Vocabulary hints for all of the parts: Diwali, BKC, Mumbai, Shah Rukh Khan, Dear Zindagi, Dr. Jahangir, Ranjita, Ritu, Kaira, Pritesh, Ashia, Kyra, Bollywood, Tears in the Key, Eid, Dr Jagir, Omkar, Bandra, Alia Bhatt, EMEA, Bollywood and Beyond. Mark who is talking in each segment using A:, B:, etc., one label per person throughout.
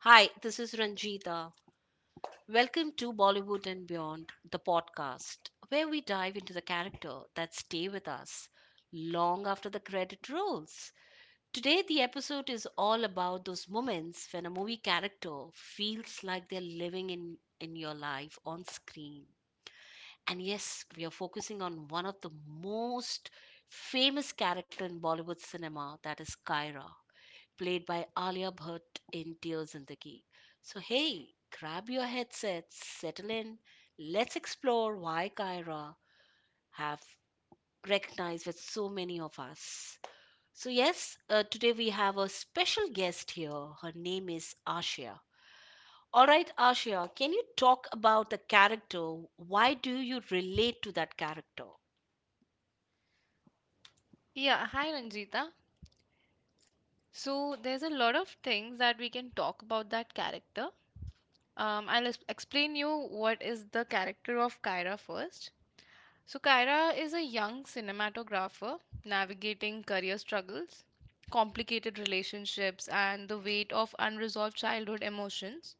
A: Hi, this is Ranjita. Welcome to Bollywood and Beyond, the podcast, where we dive into the character that stay with us long after the credit rolls. Today the episode is all about those moments when a movie character feels like they're living in your life on screen. And yes, we are focusing on one of the most famous character in Bollywood cinema that is Kyra played by Alia Bhatt in Tears in the Key. So, hey, grab your headset, settle in, let's explore why Kaira have recognized with so many of us. So, yes, today we have a special guest here. Her name is Ashia. All right, Ashia, can you talk about the character? Why do you relate to that character?
B: Yeah, hi Ranjita. So there's a lot of things that we can talk about that character. I'll explain you what is the character of Kyra first. So Kyra is a young cinematographer navigating career struggles, complicated relationships, and the weight of unresolved childhood emotions.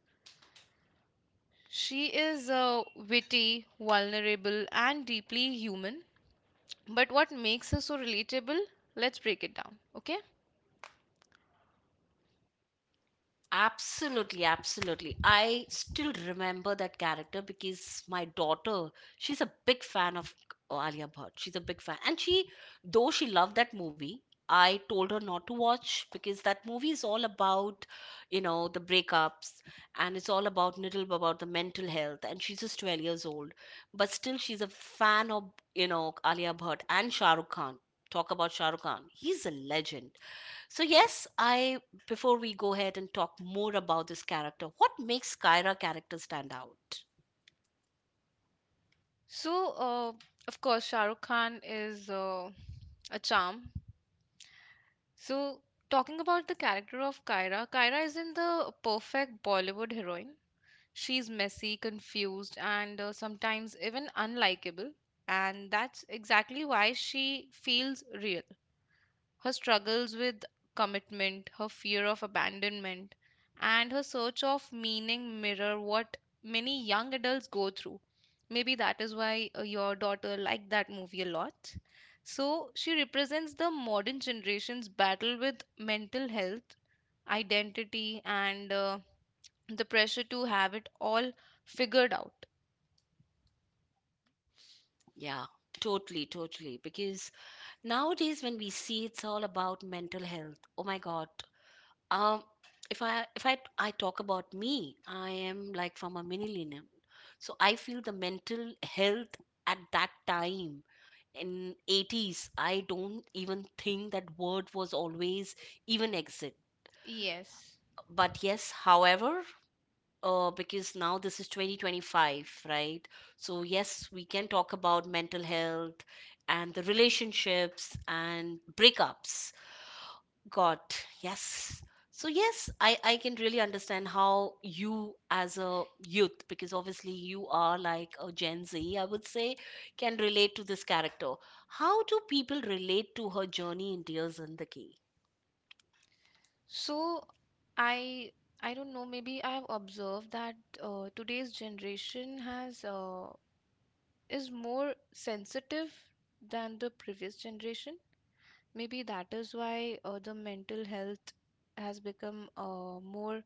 B: She is witty, vulnerable, and deeply human. But what makes her so relatable? Let's break it down, okay?
A: Absolutely, absolutely. I still remember that character because my daughter, she's a big fan of Alia Bhatt. She's a big fan. And she, though she loved that movie, I told her not to watch because that movie is all about, you know, the breakups and it's all about little about the mental health. And she's just 12 years old. But still, she's a fan of, you know, Alia Bhatt and Shah Rukh Khan. Talk about Shah Rukh Khan. He's a legend. So yes, I before we go ahead and talk more about this character, what makes Kyra character stand out?
B: So, of course, Shah Rukh Khan is a charm. So, talking about the character of Kyra, Kyra isn't the perfect Bollywood heroine. She's messy, confused, and sometimes even unlikable. And that's exactly why she feels real, her struggles with commitment, her fear of abandonment, and her search of meaning mirror what many young adults go through. Maybe that is why your daughter liked that movie a lot. So, she represents the modern generation's battle with mental health, identity, and the pressure to have it all figured out.
A: Yeah, totally, totally. Because nowadays when we see it's all about mental health. Oh my God. Um, if I talk about me, I am like from a millennium. So I feel the mental health at that time in 80's. I don't even think that word was always even exit.
B: Yes.
A: But yes, however, because now this is 2025, right? So, yes, we can talk about mental health and the relationships and breakups. God, yes. So, yes, I can really understand how you, as a youth, because obviously you are like a Gen Z, I would say, can relate to this character. How do people relate to her journey in Dear Zindagi?
B: So I I don't know, maybe I have observed that today's generation has is more sensitive than the previous generation. Maybe that is why the mental health has become more,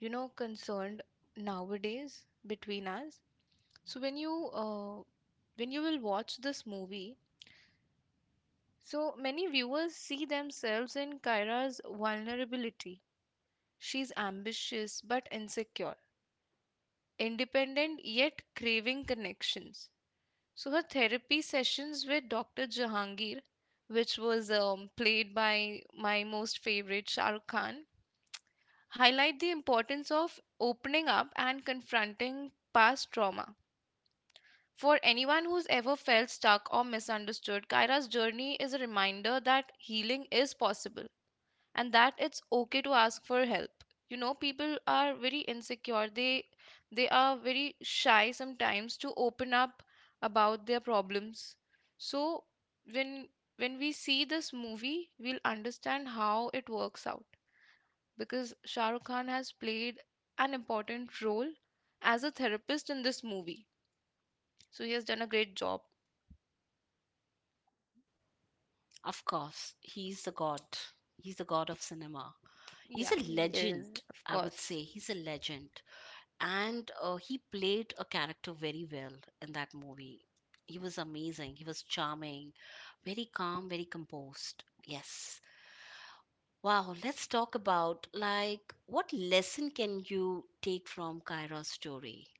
B: you know, concerned nowadays between us. So when you will watch this movie, so many viewers see themselves in Kyra's vulnerability. She's ambitious but insecure, independent yet craving connections. So her therapy sessions with Dr. Jahangir, which was played by my most favorite Shah Rukh Khan, highlight the importance of opening up and confronting past trauma. For anyone who's ever felt stuck or misunderstood, Kaira's journey is a reminder that healing is possible and that it's okay to ask for help. You know, people are very insecure, they are very shy sometimes to open up about their problems. So when when we see this movie, we'll understand how it works out because Shah Rukh Khan has played an important role as a therapist in this movie, so he has done a great job.
A: Of course, he's the god. He's the god of cinema. He's
B: Yeah,
A: a
B: he
A: legend.
B: is, of
A: I would
B: course.
A: say he's a legend. And he played a character very well in that movie. He was amazing, he was charming, very calm, very composed. Yes, wow. Let's talk about like what lesson can you take from Kyra's story.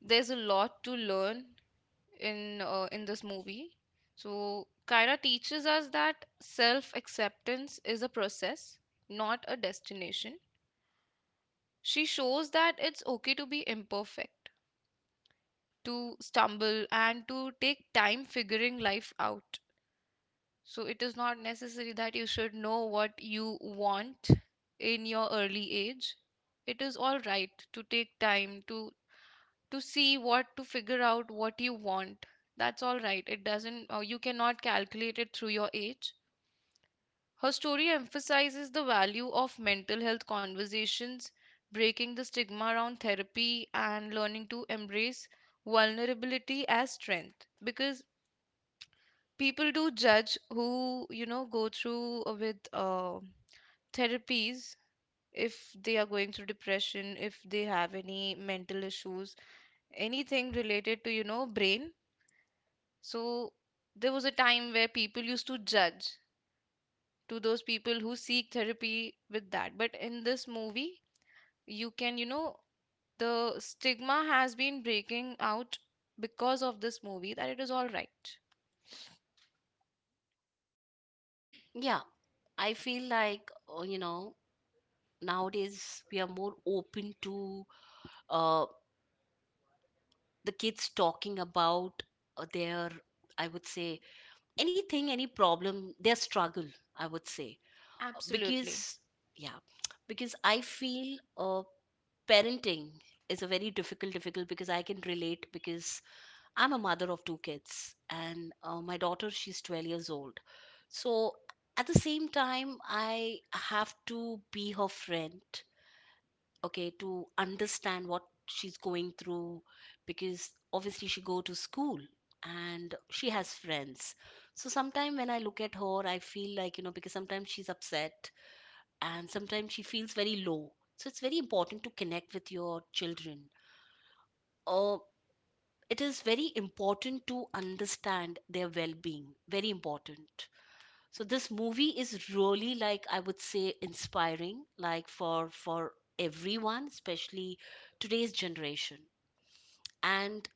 B: There's a lot to learn in this movie. So Kyra teaches us that self-acceptance is a process, not a destination. She shows that it's okay to be imperfect, to stumble and to take time figuring life out. So it is not necessary that you should know what you want in your early age. It is all right to take time to see, what to figure out what you want. That's all right. It doesn't, you cannot calculate it through your age. Her story emphasizes the value of mental health conversations, breaking the stigma around therapy, and learning to embrace vulnerability as strength. Because people do judge who, you know, go through with therapies, if they are going through depression, if they have any mental issues, anything related to, you know, brain. So there was a time where people used to judge, to those people who seek therapy with that. But in this movie, you can, you know, the stigma has been breaking out because of this movie, that it is all right.
A: Yeah, I feel like, you know, nowadays we are more open to, uh, the kids talking about, their, I would say, anything, any problem, their struggle, I would say. Because,
B: Absolutely.
A: yeah, because I feel, uh, parenting is a very difficult because I can relate. Because I'm a mother of two kids, and my daughter, she's 12 years old. So at the same time, I have to be her friend, okay, to understand what she's going through. Because obviously she go to school and she has friends. So sometimes when I look at her, I feel like, you know, because sometimes she's upset and sometimes she feels very low. So it's very important to connect with your children, or it is very important to understand their well-being, very important. So this movie is really like, I would say, inspiring, like for everyone, especially today's generation. And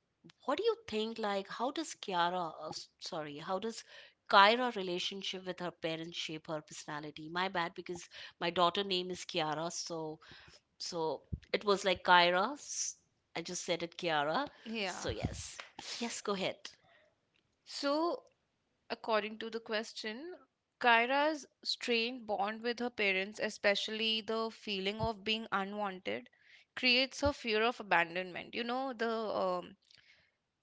A: what do you think, like how does Kiara sorry, how does Kyra relationship with her parents shape her personality? My bad, because my daughter name is Kiara. So, so it was like Kyra s- I just said it Kiara.
B: Yeah.
A: So yes, yes, go ahead.
B: So, according to the question, Kyra's strained bond with her parents, especially the feeling of being unwanted, creates her fear of abandonment. You know, the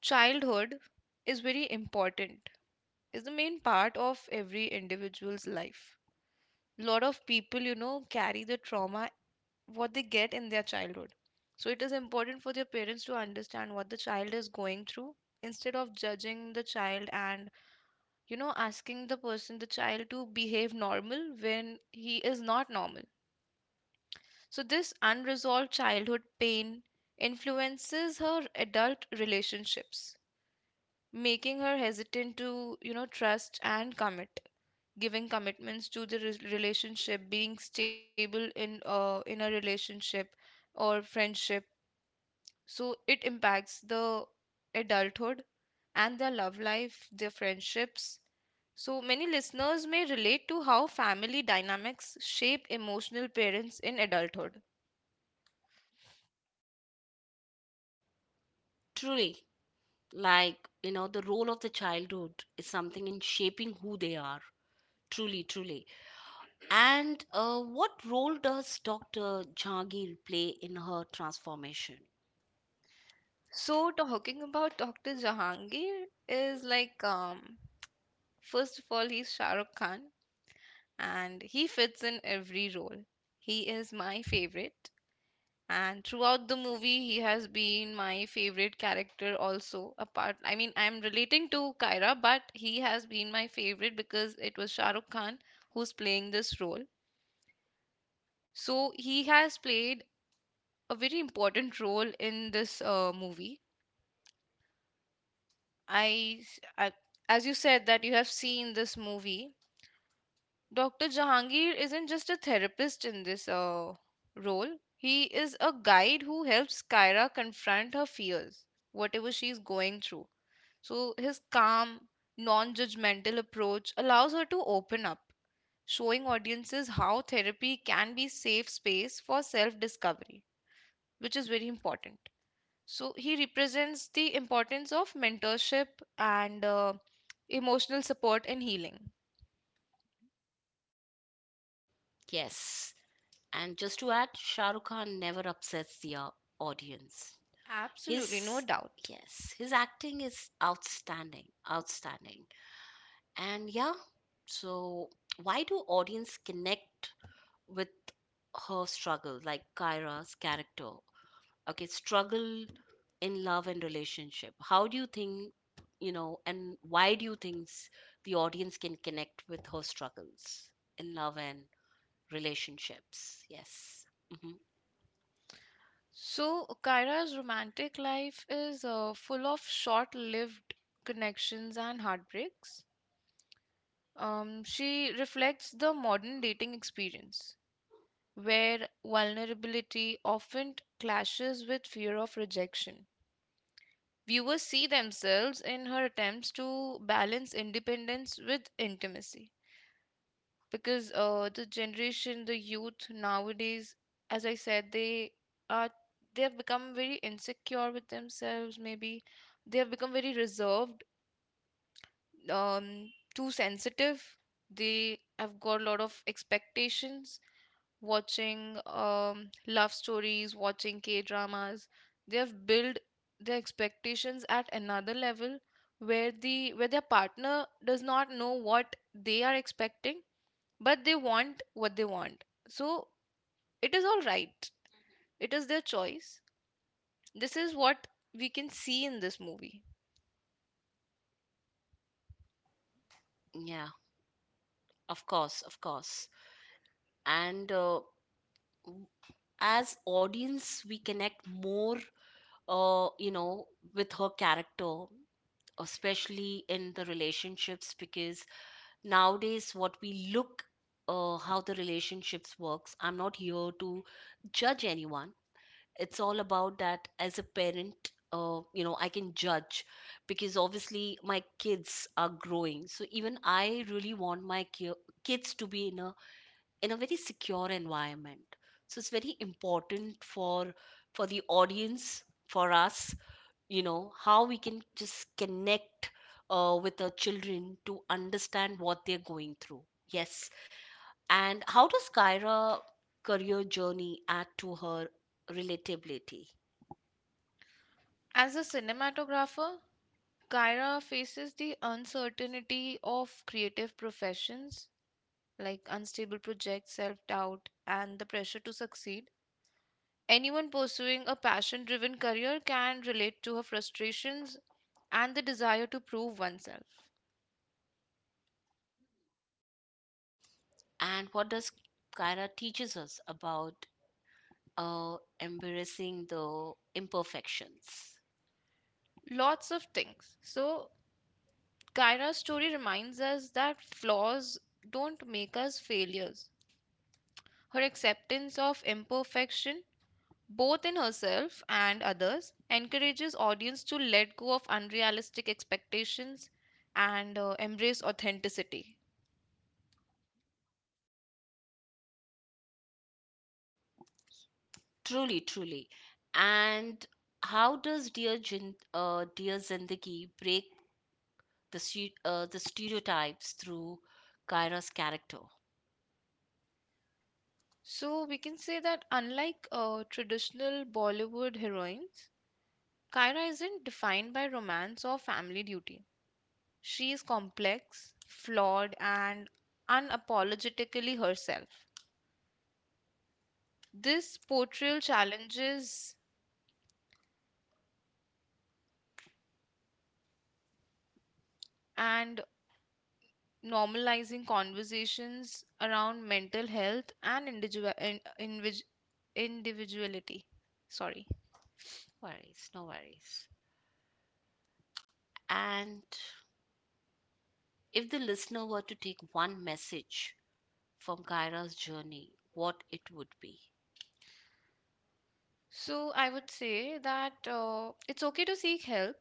B: childhood is very important, is the main part of every individual's life. Lot of people, you know, carry the trauma what they get in their childhood. So it is important for their parents to understand what the child is going through, instead of judging the child and, you know, asking the person, the child, to behave normal when he is not normal. So this unresolved childhood pain influences her adult relationships, making her hesitant to, you know, trust and commit, giving commitments to the relationship, being stable in a relationship or friendship. So it impacts the adulthood and their love life, their friendships. So many listeners may relate to how family dynamics shape emotional parents in adulthood.
A: Truly, like, you know, the role of the childhood is something in shaping who they are. Truly, truly. And what role does Dr. Jagir play in her transformation?
B: So talking about Dr. Jahangir is like, um, first of all, he's Shah Rukh Khan and he fits in every role. He is my favorite, and throughout the movie he has been my favorite character also, apart, I mean, I'm relating to Kyra, but he has been my favorite because it was Shah Rukh Khan who's playing this role. So he has played a very important role in this movie. I, s- I- as you said that you have seen this movie. Dr. Jahangir isn't just a therapist in this role. He is a guide who helps Kyra confront her fears, whatever she is going through. So his calm, non-judgmental approach allows her to open up, showing audiences how therapy can be safe space for self-discovery, which is very important. So he represents the importance of mentorship and emotional support and healing.
A: Yes, and just to add, Shah Rukh Khan never upsets the, audience. His,
B: Absolutely, no doubt.
A: yes, his acting is outstanding, outstanding. And yeah, so why do audience connect with her struggle, like Kyra's character, okay, struggle in love and relationship? How do you think, you know, and why do you think the audience can connect with her struggles in love and relationships? Yes. Hmm.
B: So Kyra's romantic life is full of short-lived connections and heartbreaks. She reflects the modern dating experience, where vulnerability often clashes with fear of rejection. Viewers see themselves in her attempts to balance independence with intimacy. Because the generation, the youth nowadays, as I said, are they have become very insecure with themselves, maybe they have become very reserved, um, too sensitive, they have got a lot of expectations, watching love stories, watching K dramas, they have built their expectations at another level where their partner does not know what they are expecting, but they want what they want. So it is all right. It is their choice. This is what we can see in this movie.
A: Yeah, of course, of course. And w- as audience we connect more, you know, with her character, especially in the relationships, because nowadays what we look, how the relationships works. I'm not here to judge anyone. It's all about that. As a parent, you know, I can judge, because obviously my kids are growing. So even I really want my kids to be in a, in a very secure environment. So it's very important for the audience, for us, you know, how we can just connect, with our children to understand what they're going through. Yes. And how does Kyra career journey add to her relatability?
B: As a cinematographer, Kyra faces the uncertainty of creative professions, like unstable projects, self doubt, and the pressure to succeed. Anyone pursuing a passion driven career can relate to her frustrations and the desire to prove oneself.
A: And what does Kyra teaches us about, uh, embracing the imperfections?
B: Lots of things. So, Kyra's story reminds us that flaws don't make us failures. Her acceptance of imperfection, both in herself and others, encourages audience to let go of unrealistic expectations and embrace authenticity.
A: Truly, truly. And how does dear Zindagi break the, the stereotypes through Kyra's character?
B: So we can say that unlike traditional Bollywood heroines, Kyra isn't defined by romance or family duty. She is complex, flawed, and unapologetically herself. This portrayal challenges and normalizing conversations around mental health and individuality. Sorry.
A: Worries, no worries. And if the listener were to take one message from Kyra's journey, what it would be?
B: So I would say that it's okay to seek help,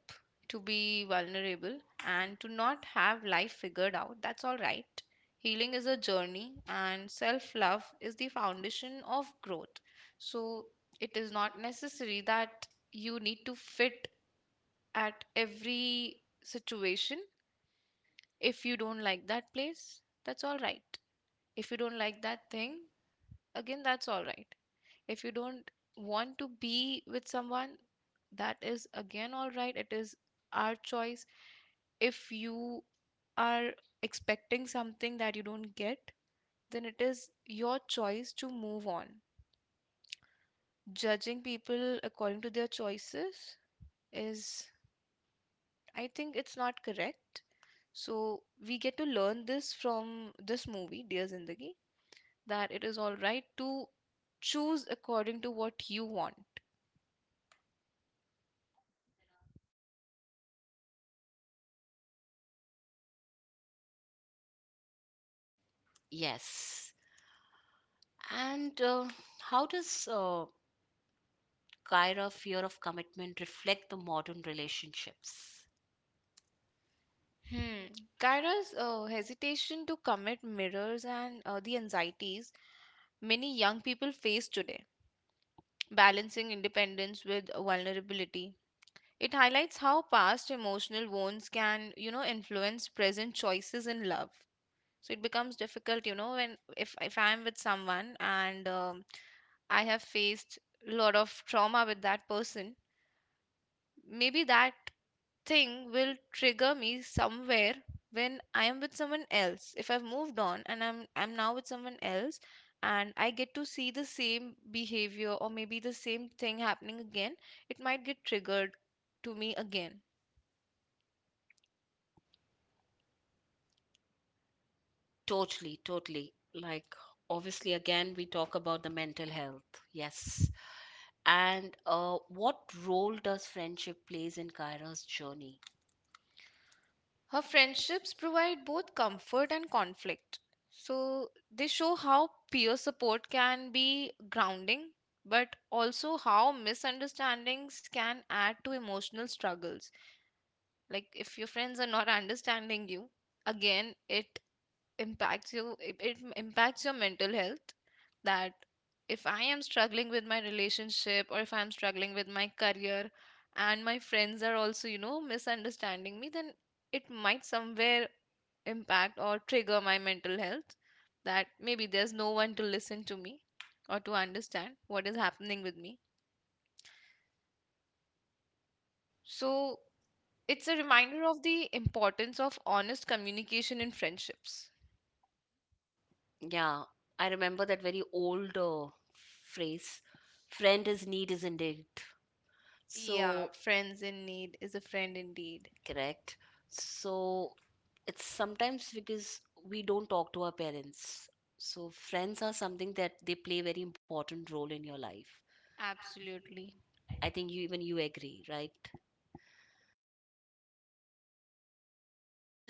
B: to be vulnerable, and to not have life figured out. That's all right. Healing is a journey, and self love is the foundation of growth. So it is not necessary that you need to fit at every situation. If you don't like that place, that's all right. If you don't like that thing, again, that's all right. If you don't want to be with someone, that is again all right. It is our choice. If you are expecting something that you don't get, then it is your choice to move on. Judging people according to their choices is, I think it's not correct. So we get to learn this from this movie, Dear Zindagi, that it is all right to choose according to what you want.
A: Yes. And how does, Kyra fear of commitment reflect the modern relationships?
B: Hmm. Kyra's hesitation to commit mirrors and the anxieties many young people face today, balancing independence with vulnerability. It highlights how past emotional wounds can, you know, influence present choices in love. So it becomes difficult, you know, when, if I'm with someone and, I have faced a lot of trauma with that person, maybe that thing will trigger me somewhere when I am with someone else. If I've moved on and I'm now with someone else and I get to see the same behavior or maybe the same thing happening again, it might get triggered to me again.
A: Totally, totally. Like, obviously, again, we talk about the mental health. Yes. And what role does friendship plays in Kyra's journey?
B: Her friendships provide both comfort and conflict. So they show how peer support can be grounding, but also how misunderstandings can add to emotional struggles. Like if your friends are not understanding you, again, it impacts your mental health, that if I am struggling with my relationship or if I am struggling with my career and my friends are also, you know, misunderstanding me, then it might somewhere impact or trigger my mental health, that maybe there's no one to listen to me or to understand what is happening with me. So it's a reminder of the importance of honest communication in friendships.
A: Yeah, I remember that very old phrase, friend is need is indeed.
B: Yeah,
A: So,
B: friends in need is a friend indeed.
A: correct. So, it's sometimes because we don't talk to our parents. So, friends are something that they play very important role in your life.
B: Absolutely.
A: I think you, even you agree, right? And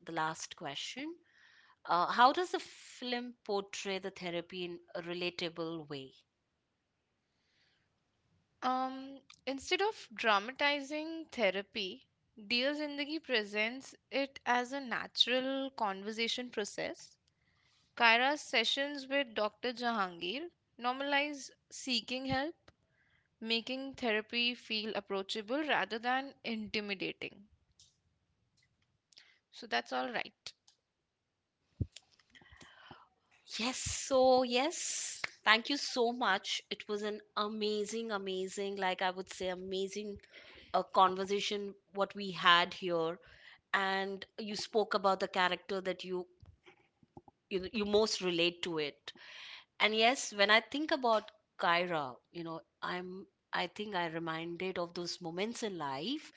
A: the last question. How does the film portray the therapy in a relatable way?
B: Um, Instead of dramatizing therapy, Dear Zindagi presents it as a natural conversation process. Kaira's sessions with Dr. Jahangir normalize seeking help, making therapy feel approachable rather than intimidating. So that's all right.
A: Yes, so yes, thank you so much. It was an amazing, amazing, like I would say, amazing conversation what we had here. And you spoke about the character that you most relate to it. And yes, when I think about Kyra, you know, I think I reminded of those moments in life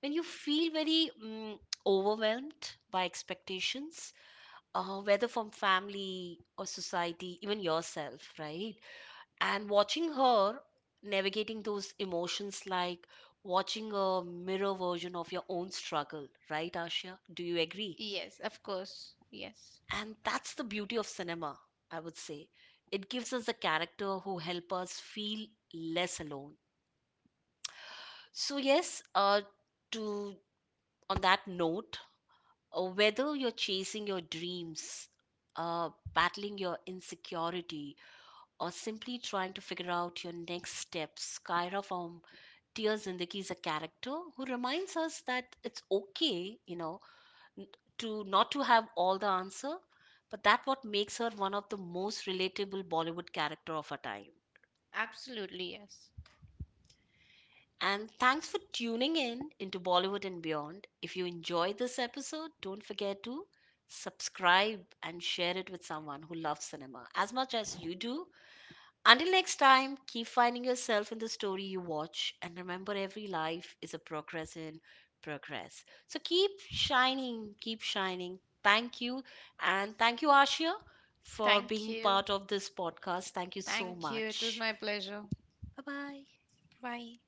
A: when you feel very overwhelmed by expectations, whether from family or society, even yourself, right? And watching her navigating those emotions like watching a mirror version of your own struggle, right, Asha? Do you agree?
B: Yes, of course. Yes.
A: And that's the beauty of cinema, I would say. It gives us a character who help us feel less alone. So yes, to on that note, whether you're chasing your dreams, battling your insecurity, or simply trying to figure out your next steps, Kyra from Tears Zindagi is a character who reminds us that it's okay, you know, n- to not to have all the answer, but that what makes her one of the most relatable Bollywood character of her time.
B: Absolutely, yes.
A: And thanks for tuning in into Bollywood and Beyond. If you enjoyed this episode, don't forget to subscribe and share it with someone who loves cinema as much as you do. Until next time, keep finding yourself in the story you watch, and remember, every life is a progress in progress. So keep shining, keep shining. Thank you. And thank you, Ashia, for
B: Thank
A: being
B: you.
A: part of this podcast. Thank you so
B: Thank you.
A: much.
B: It was my pleasure.
A: Bye bye.
B: Bye.